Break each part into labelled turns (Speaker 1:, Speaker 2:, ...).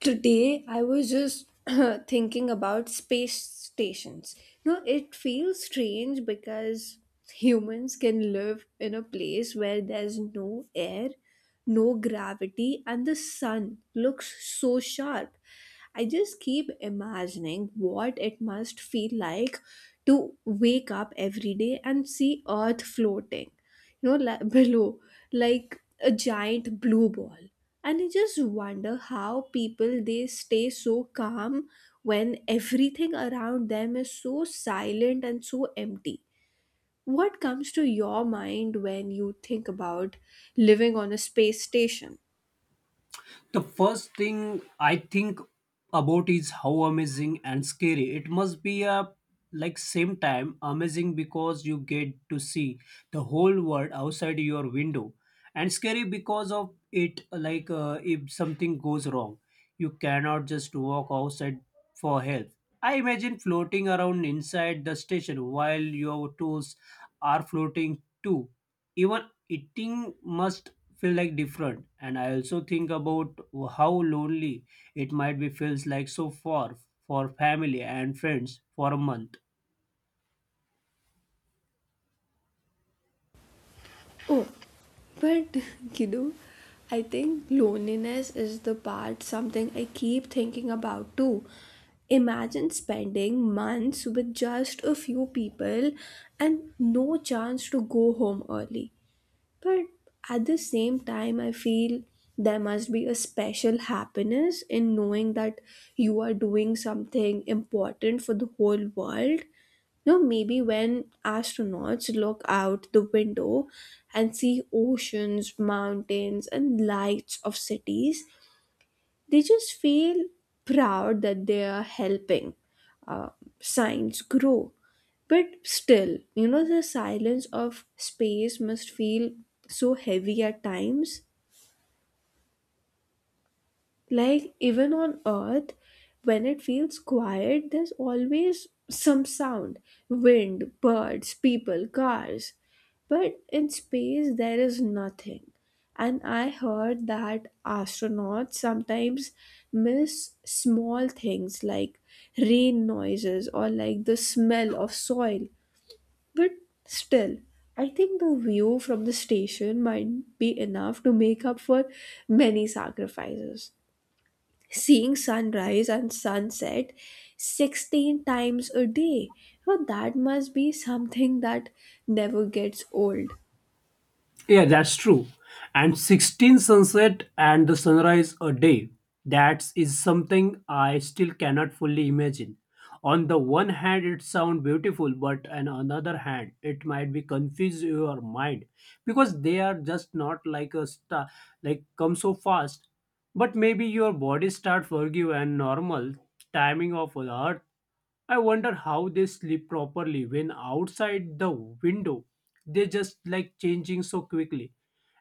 Speaker 1: Today I was just thinking about space stations. It feels strange because humans can live in a place where there's no air, no gravity, and the sun looks so sharp. I just keep imagining what it must feel like to wake up every day and see earth floating, below, like a giant blue ball. And I just wonder how people they stay so calm when everything around them is so silent and so empty. What comes to your mind when you think about living on a space station?
Speaker 2: The first thing I think about is how amazing and scary it must be a like same time amazing because you get to see the whole world outside your window and scary because of it like if something goes wrong you cannot just walk outside for help. I imagine floating around inside the station while your tools are floating too, even eating must feel like different, and I also think about how lonely it might be, feels like so far for family and friends for a month.
Speaker 1: Oh, but you know, I think loneliness is the part, something I keep thinking about too. Imagine spending months with just a few people and no chance to go home early. But at the same time, I feel there must be a special happiness in knowing that you are doing something important for the whole world. No, maybe when astronauts look out the window and see oceans, mountains, and lights of cities, they just feel proud that they are helping uh, science grow. But still, the silence of space must feel so heavy at times. Like, even on Earth, when it feels quiet, there's always some sound: wind, birds, people, cars. But in space, there is nothing. And I heard that astronauts sometimes miss small things like rain noises or like the smell of soil. But still, I think the view from the station might be enough to make up for many sacrifices, seeing sunrise and sunset 16 times a day. Well, that must be something that never gets old.
Speaker 2: Yeah, that's true. And 16 sunset and the sunrise a day. That is something I still cannot fully imagine. On the one hand, it sounds beautiful, but on another hand, it might be confuse your mind because they are just not like a star, like come so fast. But maybe your body start forgive and normal timing of Earth. I wonder how they sleep properly when outside the window they just like changing so quickly.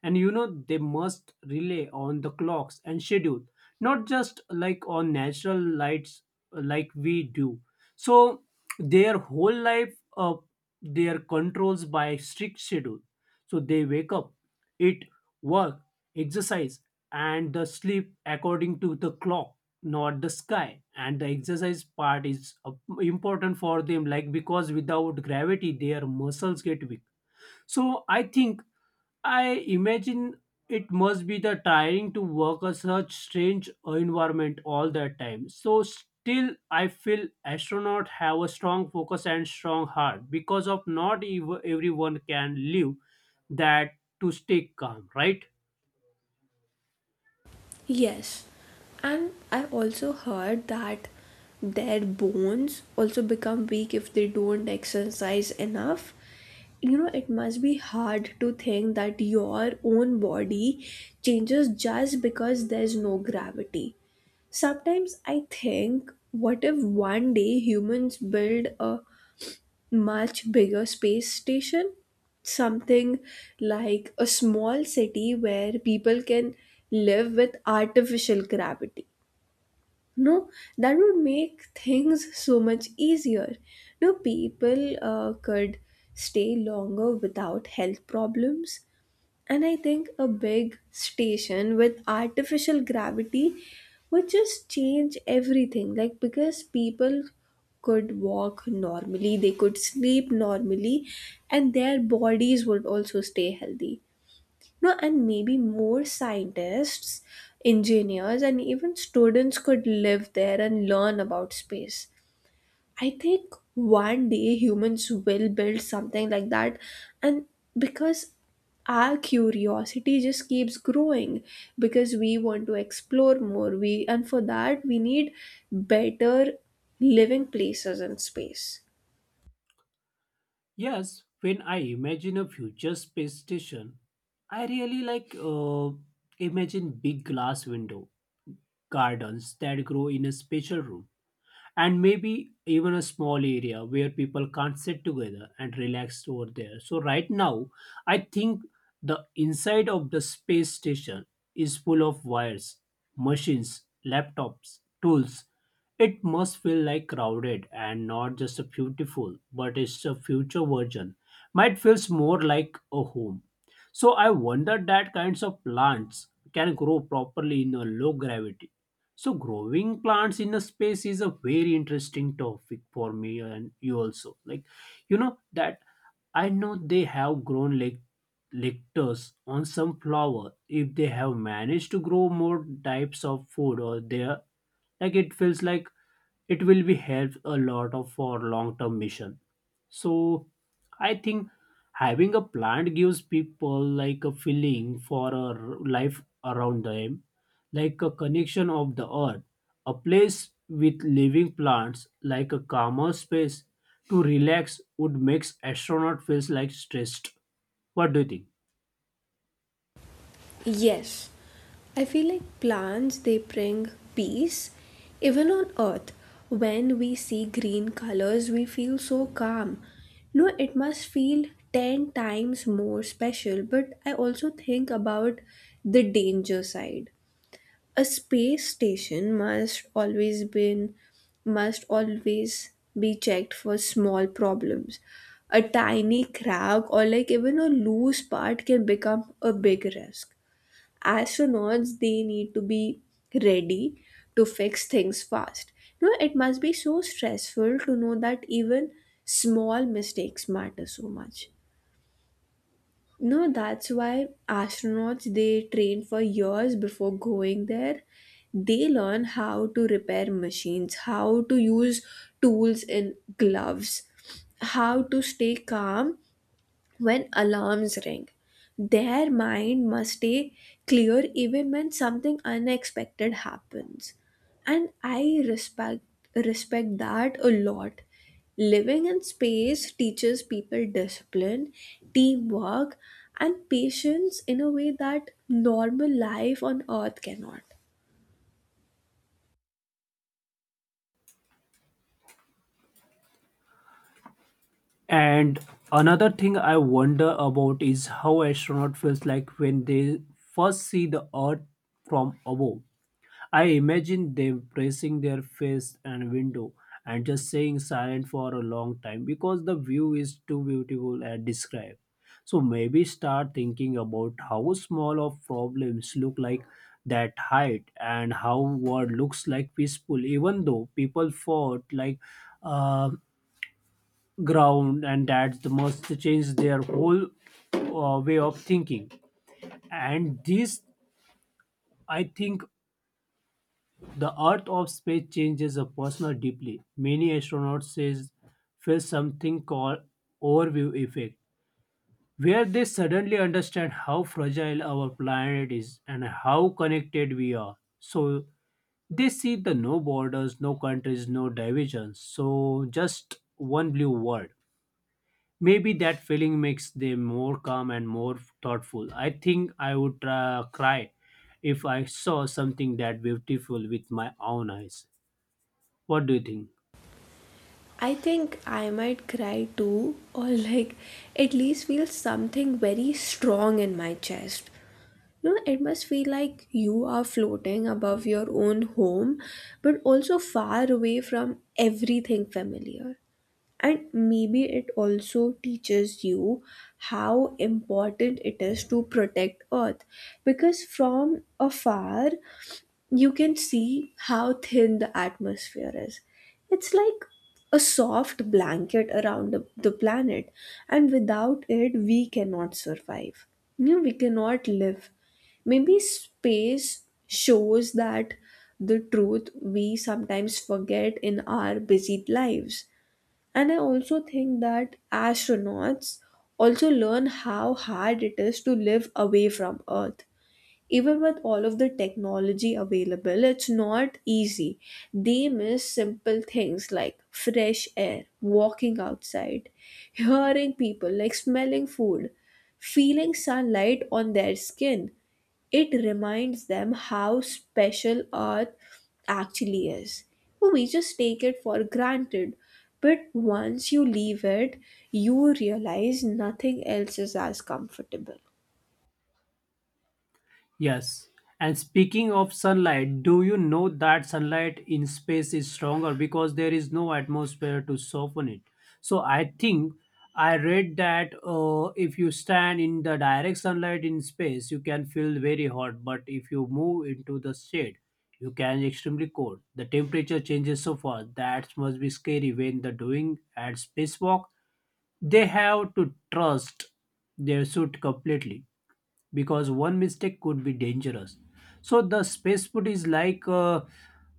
Speaker 2: And you know they must rely on the clocks and schedule, not just like on natural lights like we do. So their whole life their controls by strict schedule. So they wake up, eat, work, exercise, and the sleep according to the clock, not the sky. And the exercise part is important for them, like because without gravity their muscles get weak. So I think I imagine it must be the tiring to work a such strange environment all the time. So still I feel astronaut have a strong focus and strong heart because of not everyone can live that to stay calm, right?
Speaker 1: Yes, and I also heard that their bones also become weak if they don't exercise enough. You know, it must be hard to think that your own body changes just because there's no gravity. Sometimes I think, what if one day humans build a much bigger space station, something like a small city where people can live with artificial gravity. No, that would make things so much easier. No, people could stay longer without health problems. And I think a big station with artificial gravity would just change everything. Like, because people could walk normally, they could sleep normally, and their bodies would also stay healthy. No, and maybe more scientists, engineers, and even students could live there and learn about space. I think one day humans will build something like that, and because our curiosity just keeps growing, because we want to explore more, we, and for that we need better living places and space.
Speaker 2: Yes, when I imagine a future space station, I really like imagine big glass window, gardens that grow in a special room, and maybe even a small area where people can't sit together and relax over there. So, right now, I think the inside of the space station is full of wires, machines, laptops, tools. It must feel like crowded and not just a beautiful, but it's a future version. Might feels more like a home. So I wonder that kinds of plants can grow properly in a low gravity. So growing plants in a space is a very interesting topic for me and you also. Like you know that I know they have grown like lectures on some flower. If they have managed to grow more types of food or there, like it feels like it will be helped a lot of for long term mission. So I think having a plant gives people like a feeling for a life around them, like a connection of the earth, a place with living plants, like a calmer space to relax would makes astronaut feels like stressed. What do you think?
Speaker 1: Yes, I feel like plants they bring peace. Even on earth, when we see green colors, we feel so calm. No, it must feel 10 times more special, but I also think about the danger side. A space station must always be checked for small problems. A tiny crack or like even a loose part can become a big risk. Astronauts they need to be ready to fix things fast. You know, it must be so stressful to know that even small mistakes matter so much. No, that's why astronauts they train for years before going there. They learn how to repair machines, how to use tools in gloves, how to stay calm. When alarms ring, their mind must stay clear even when something unexpected happens. And I respect that a lot. Living in space teaches people discipline, teamwork, and patience in a way that normal life on Earth cannot.
Speaker 2: And another thing I wonder about is how astronaut feels like when they first see the Earth from above. I imagine them pressing their face and window and just staying silent for a long time because the view is too beautiful and describe. So maybe start thinking about how small of problems look like that height and how what looks like peaceful even though people fought like uh, ground, and that the must change their whole way of thinking. And this I think the earth of space changes a person deeply. Many astronauts says feel something called overview effect, where they suddenly understand how fragile our planet is and how connected we are. So they see the no borders, no countries, no divisions. So just one blue world. Maybe that feeling makes them more calm and more thoughtful. I think I would cry if I saw something that beautiful with my own eyes. What do you think?
Speaker 1: I think I might cry too, or like at least feel something very strong in my chest. You know, it must feel like you are floating above your own home, but also far away from everything familiar. And maybe it also teaches you how important it is to protect Earth, because from afar, you can see how thin the atmosphere is. It's like a soft blanket around the planet, and without it, we cannot survive. You know, we cannot live. Maybe space shows that the truth we sometimes forget in our busy lives. And I also think that astronauts also learn how hard it is to live away from Earth. Even with all of the technology available, it's not easy. They miss simple things like fresh air, walking outside, hearing people, like smelling food, feeling sunlight on their skin. It reminds them how special Earth actually is. Well, we just take it for granted. But once you leave it, you realize nothing else is as comfortable.
Speaker 2: Yes. And speaking of sunlight, do you know that sunlight in space is stronger because there is no atmosphere to soften it? So I think I read that if you stand in the direct sunlight in space, you can feel very hot, but if you move into the shade, you can extremely cold. The temperature changes so fast that must be scary when the doing at spacewalk. They have to trust their suit completely because one mistake could be dangerous. So the spacesuit is like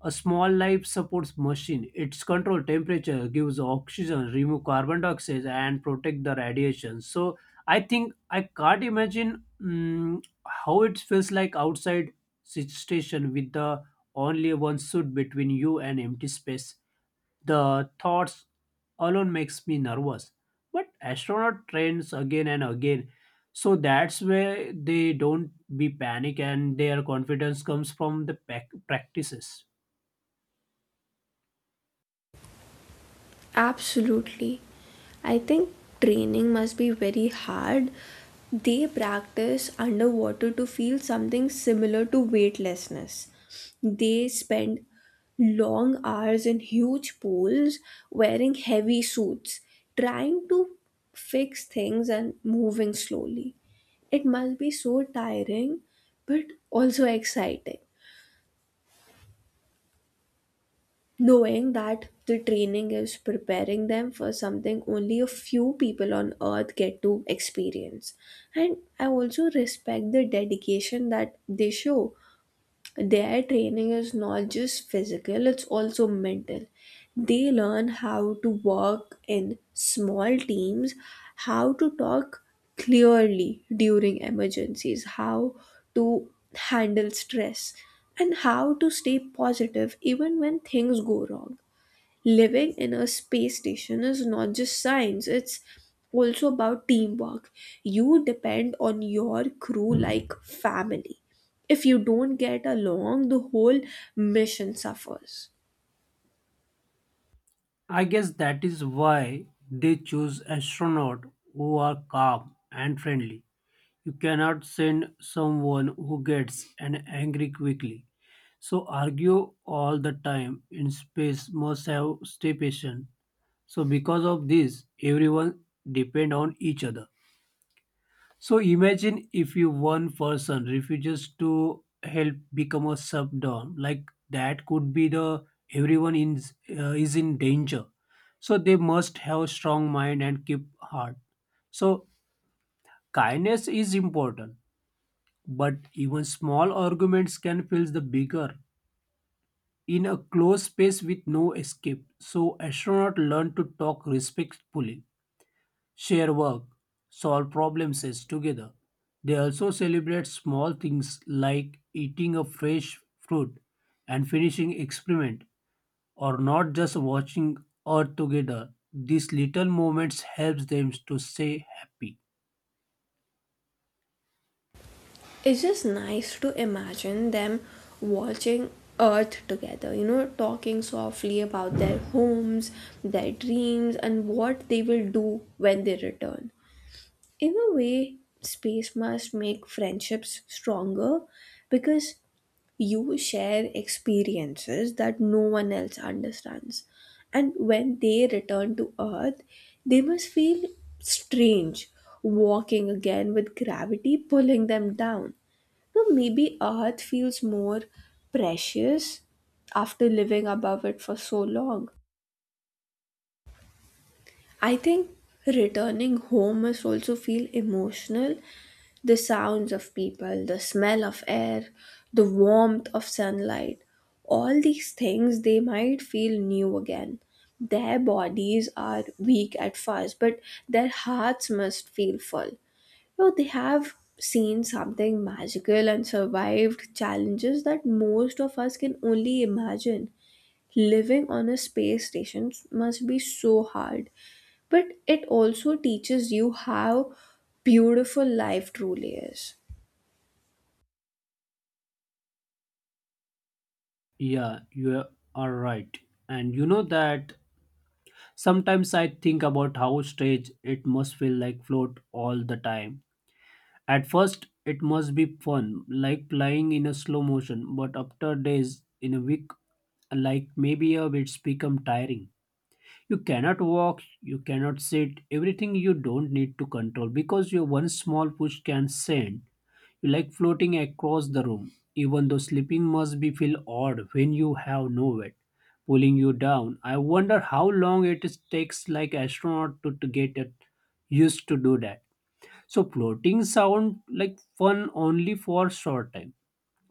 Speaker 2: a small life support machine. It's control temperature, gives oxygen, remove carbon dioxide, and protect the radiation. So I think I can't imagine how it feels like outside station with the only one suit between you and empty space. The thoughts alone makes me nervous. But astronaut trains again and again. So that's where they don't be panic, and their confidence comes from the practices.
Speaker 1: Absolutely. I think training must be very hard. They practice underwater to feel something similar to weightlessness. They spend long hours in huge pools wearing heavy suits, trying to fix things and moving slowly. It must be so tiring, but also exciting. Knowing that the training is preparing them for something only a few people on earth get to experience. And I also respect the dedication that they show. Their training is not just physical, it's also mental. They learn how to work in small teams, how to talk clearly during emergencies, how to handle stress, and how to stay positive even when things go wrong. Living in a space station is not just science, it's also about teamwork. You depend on your crew like family. If you don't get along, the whole mission suffers.
Speaker 2: I guess that is why they choose astronaut who are calm and friendly. You cannot send someone who gets an angry quickly. So argue all the time in space must have stay patient. So because of this, everyone depend on each other. So imagine if you one person refuses to help become a subdom, like that could be the everyone in is in danger. So they must have strong mind and keep heart. So kindness is important, but even small arguments can feel the bigger in a closed space with no escape. So astronaut learn to talk respectfully, share work, solve problem sets together. They also celebrate small things like eating a fresh fruit and finishing experiment, or not just watching earth together. These little moments helps them to stay happy.
Speaker 1: It's just nice to imagine them watching Earth together, you know, talking softly about their homes, their dreams, and what they will do when they return. In a way, space must make friendships stronger, because you share experiences that no one else understands. And when they return to earth, they must feel strange walking again with gravity pulling them down. So maybe earth feels more precious after living above it for so long. I think returning home must also feel emotional. The sounds of people, the smell of air, the warmth of sunlight, all these things they might feel new again. Their bodies are weak at first, but their hearts must feel full. You know, they have seen something magical and survived challenges that most of us can only imagine. Living on a space station must be so hard, but it also teaches you how beautiful life truly is.
Speaker 2: Yeah, you are right. And you know that sometimes I think about how strange it must feel like float all the time. At first, it must be fun, like flying in a slow motion, but after days in a week, like maybe a it's become tiring. You cannot walk, you cannot sit, everything you don't need to control because your one small push can send you like floating across the room. Even though sleeping must be feel odd when you have no weight pulling you down. I wonder how long it takes like astronaut to get it used to do that. So floating sound like fun only for short time.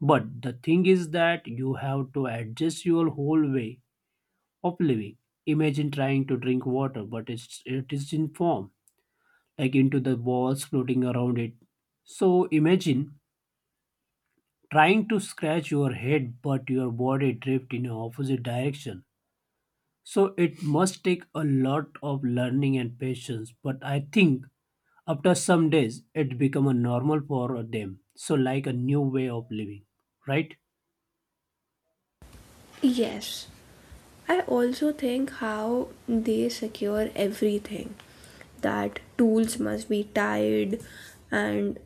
Speaker 2: But the thing is that you have to adjust your whole way of living. Imagine trying to drink water, but it is in form, like into the balls floating around it. So imagine trying to scratch your head, but your body drift in a opposite direction. So it must take a lot of learning and patience. But I think after some days, it became a normal for them. So, like a new way of living, right?
Speaker 1: Yes, I also think how they secure everything, that tools must be tied, and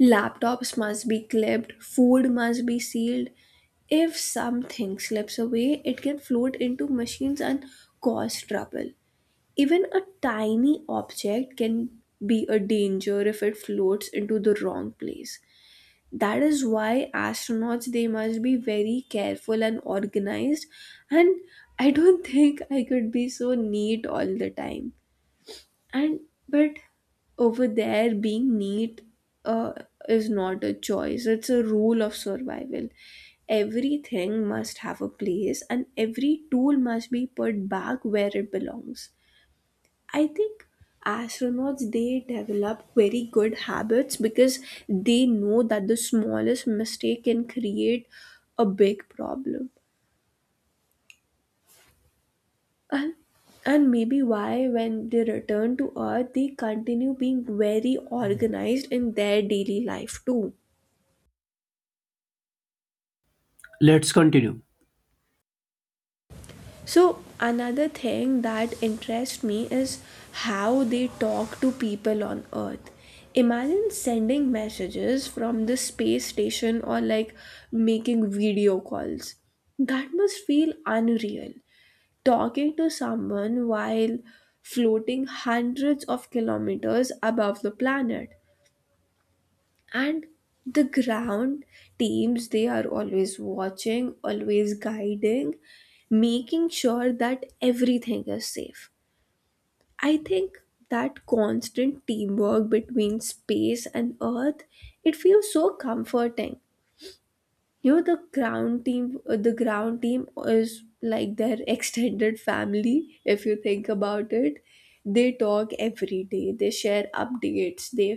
Speaker 1: laptops must be clipped, food must be sealed. If something slips away, it can float into machines and cause trouble. Even a tiny object can be a danger if it floats into the wrong place. That is why astronauts they must be very careful and organized. And I don't think I could be so neat all the time. And but over there being neat uh, is not a choice, it's a rule of survival. Everything must have a place and every tool must be put back where it belongs. I think astronauts they develop very good habits because they know that the smallest mistake can create a big problem. And maybe why when they return to earth they continue being very organized in their daily life too.
Speaker 2: Let's continue.
Speaker 1: So another thing that interests me is how they talk to people on Earth. Imagine sending messages from the space station or like making video calls. That must feel unreal. Talking to someone while floating hundreds of kilometers above the planet, and the ground teams they are always watching, always guiding, making sure that everything is safe. I think that constant teamwork between space and earth, it feels so comforting. You know, the ground team is like their extended family if you think about it. They talk every day, they share updates, they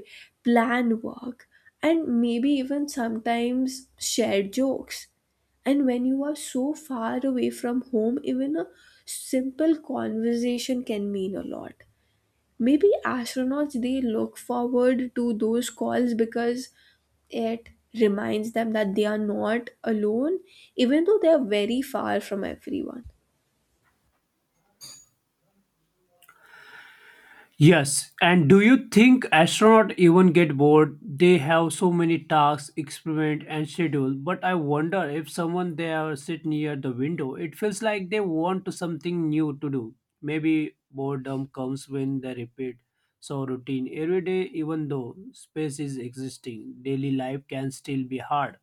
Speaker 1: plan work, and maybe even sometimes share jokes. And when you are so far away from home, even a simple conversation can mean a lot. Maybe astronauts they look forward to those calls because it reminds them that they are not alone, even though they are very far from everyone.
Speaker 2: Yes, and do you think astronauts even get bored? They have so many tasks, experiment, and schedule. But I wonder if someone there sit near the window, it feels like they want to something new to do. Maybe boredom comes when they repeat so routine every day. Even though space is existing, daily life can still be hard.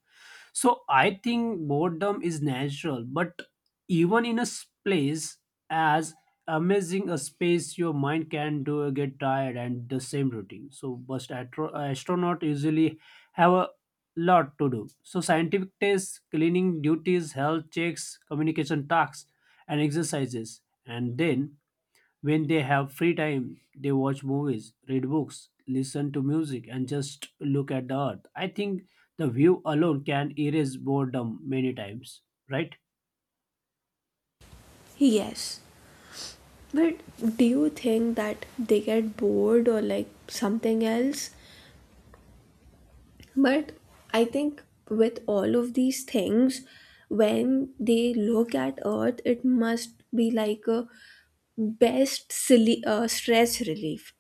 Speaker 2: So I think boredom is natural, but even in a place as amazing a space, your mind can do get tired and the same routine. So, but astronaut usually have a lot to do. So, scientific tests, cleaning duties, health checks, communication tasks, and exercises, and then when they have free time, they watch movies, read books, listen to music, and just look at the earth. I think the view alone can erase boredom many times, right?
Speaker 1: Yes, but do you think that they get bored or like something else? But I think with all of these things, when they look at Earth, it must be like a best silly, stress relief.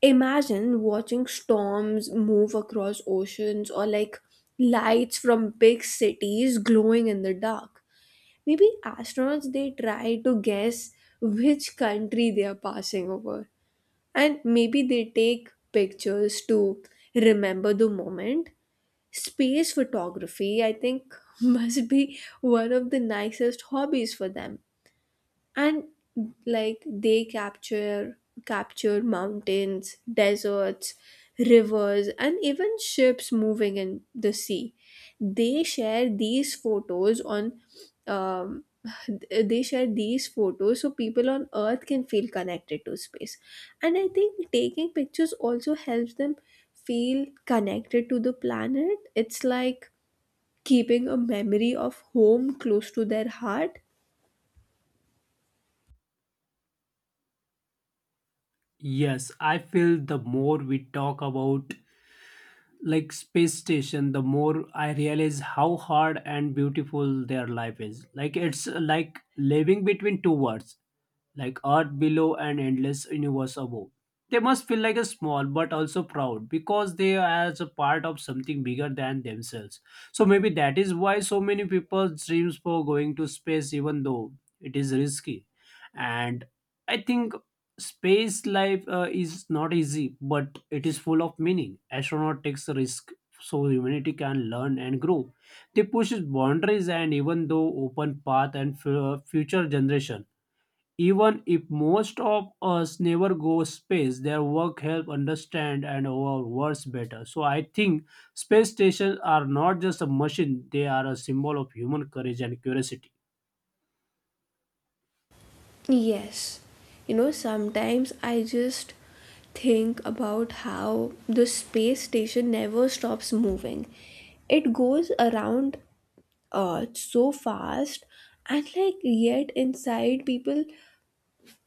Speaker 1: Imagine watching storms move across oceans or like lights from big cities glowing in the dark. Maybe astronauts they try to guess which country they are passing over. And maybe they take pictures to remember the moment. Space photography, I think, must be one of the nicest hobbies for them. And like they capture mountains, deserts, rivers, and even ships moving in the sea. They share these photos on um, they share these photos so people on earth can feel connected to space. And I think taking pictures also helps them feel connected to the planet. It's like keeping a memory of home close to their heart.
Speaker 2: Yes, I feel the more we talk about like space station, the more I realize how hard and beautiful their life is. Like it's like living between two worlds, like earth below and endless universe above. They must feel like a small but also proud because they are as a part of something bigger than themselves. So maybe that is why so many people dreams for going to space even though it is risky. And I think space life is not easy, but it is full of meaning. Astronaut takes a risk so humanity can learn and grow. They push boundaries and even though open path and future generation. Even if most of us never go space, their work help understand and our worlds better. So I think space stations are not just a machine; they are a symbol of human courage and curiosity.
Speaker 1: Yes, you know, sometimes I just think about how the space station never stops moving. It goes around Earth so fast, and like yet inside people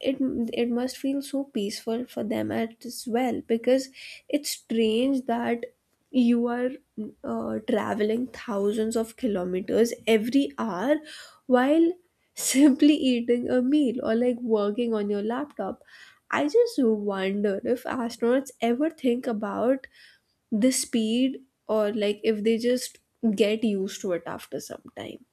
Speaker 1: it it must feel so peaceful for them as well, because it's strange that you are traveling thousands of kilometers every hour while simply eating a meal or like working on your laptop. I just wonder if astronauts ever think about the speed, or like if they just get used to it after some time.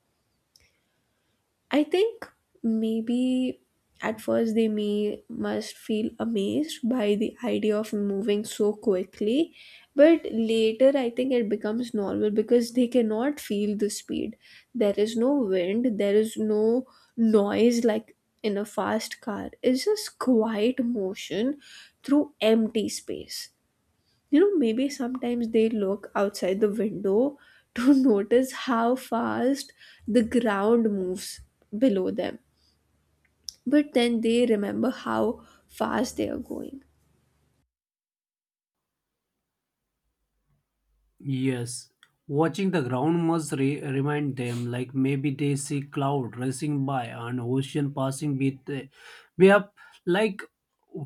Speaker 1: I think maybe at first they may must feel amazed by the idea of moving so quickly, but later I think it becomes normal because they cannot feel the speed. There is no wind, there is no noise like in a fast car. It's just quiet motion through empty space. You know, maybe sometimes they look outside the window to notice how fast the ground moves below them. But then they remember how fast they are going.
Speaker 2: Yes, watching the ground must remind them, like maybe they see cloud racing by and ocean passing beneath. We have like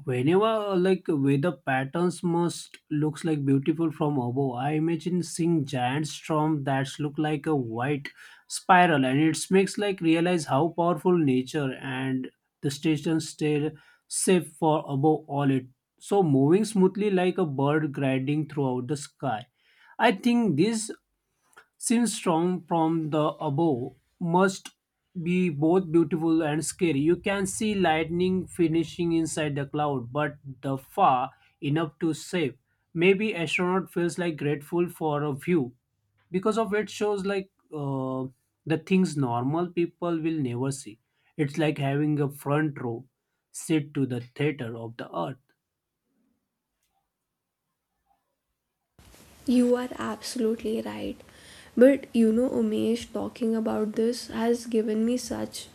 Speaker 2: whenever like weather patterns must looks like beautiful from above. I imagine seeing giant storm that look like a white spiral, and it makes like realize how powerful nature and the station stay safe for above all it. So moving smoothly like a bird gliding throughout the sky. I think this seems strong from the above must be both beautiful and scary. You can see lightning finishing inside the cloud, but the far enough to save. Maybe astronaut feels like grateful for a view because of it shows like the things normal people will never see. It's like having a front row seat to the theater of the earth.
Speaker 1: You are absolutely right. But you know, Umesh, talking about this has given me such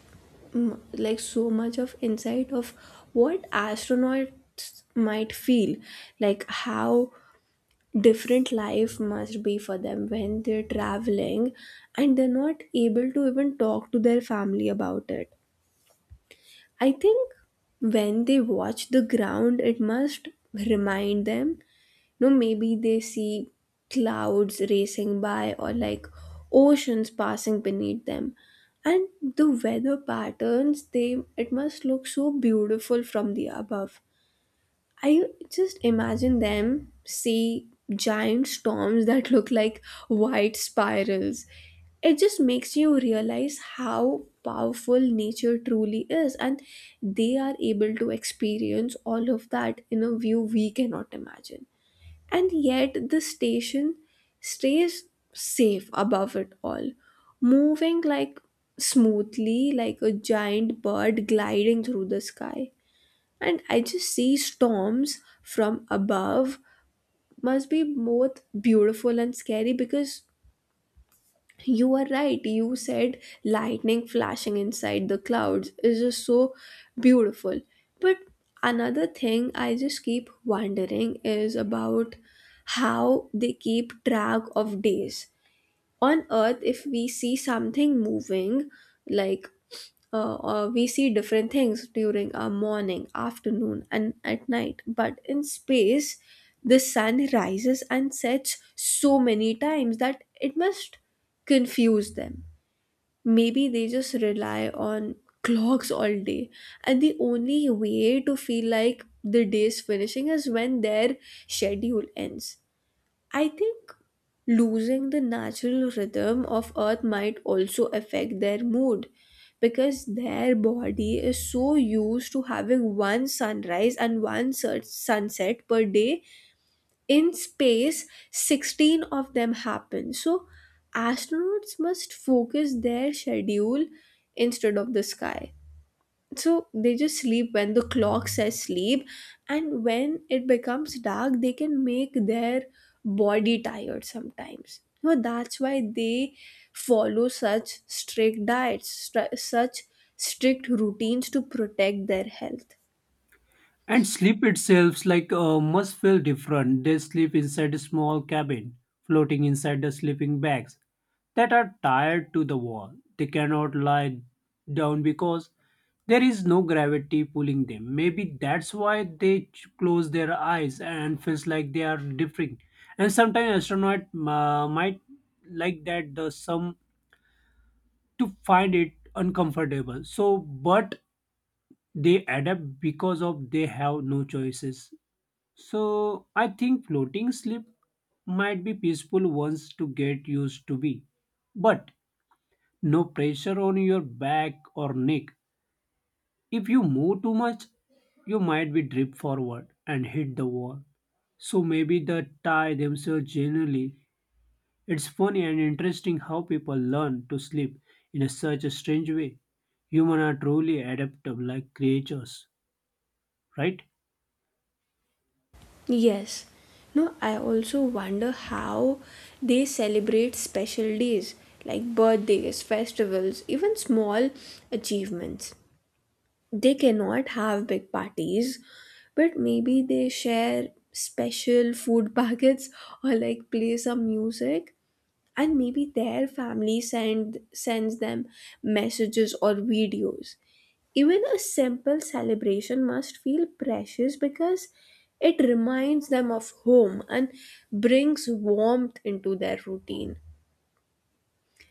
Speaker 1: like so much of insight of what astronauts might feel, like how different life must be for them when they're traveling and they're not able to even talk to their family about it. I think when they watch the ground, it must remind them. No, maybe they see clouds racing by or like oceans passing beneath them. And the weather patterns, they it must look so beautiful from the above. I just imagine them see giant storms that look like white spirals. It just makes you realize how powerful nature truly is, and they are able to experience all of that in a view we cannot imagine. And yet, the station stays safe above it all, moving like smoothly, like a giant bird gliding through the sky. And I just see storms from above must be both beautiful and scary, because you are right. You said lightning flashing inside the clouds is just so beautiful. But another thing I just keep wondering is about how they keep track of days on earth. If we see something moving like we see different things during our morning, afternoon and at night, but in space the sun rises and sets so many times that it must confuse them. Maybe they just rely on clocks all day, and the only way to feel like the day is finishing is when their schedule ends. I think losing the natural rhythm of earth might also affect their mood, because their body is so used to having one sunrise and one sunset per day. In space 16 of them happen, so astronauts must focus their schedule instead of the sky. So they just sleep when the clock says sleep, and when it becomes dark they can make their body tired sometimes, you that's why they follow such strict such strict routines to protect their health.
Speaker 2: And sleep itself, like, must feel different. They sleep inside a small cabin, floating inside the sleeping bags that are tied to the wall. They cannot lie down because there is no gravity pulling them. Maybe that's why they close their eyes and feels like they are differing. And sometimes astronaut might like that the some to find it uncomfortable. So, but they adapt because of they have no choices. So I think floating sleep might be peaceful once to get used to be. But no pressure on your back or neck. If you move too much, you might be drip forward and hit the wall. So maybe the tie themselves generally. It's funny and interesting how people learn to sleep in a such a strange way. Humans are truly adaptable like creatures, right?
Speaker 1: Yes. No, I also wonder how they celebrate special days like birthdays, festivals, even small achievements. They cannot have big parties, but maybe they share special food packets or like play some music, and maybe their family sends them messages or videos. Even a simple celebration must feel precious because it reminds them of home and brings warmth into their routine.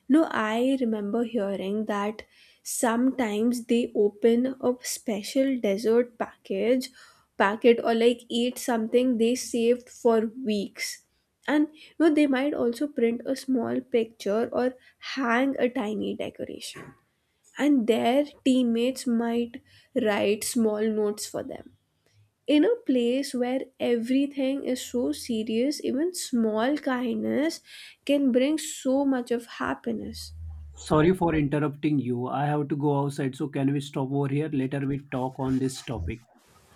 Speaker 1: No, I remember hearing that sometimes they open a special dessert package packet or like eat something they saved for weeks. And you know, they might also print a small picture or hang a tiny decoration. And their teammates might write small notes for them. In a place where everything is so serious, even small kindness can bring so much of happiness.
Speaker 2: Sorry for interrupting you. I have to go outside, so can we stop over here? Later we talk on this topic.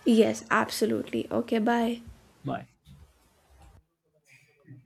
Speaker 1: Yes, absolutely. Okay, bye.
Speaker 2: Bye.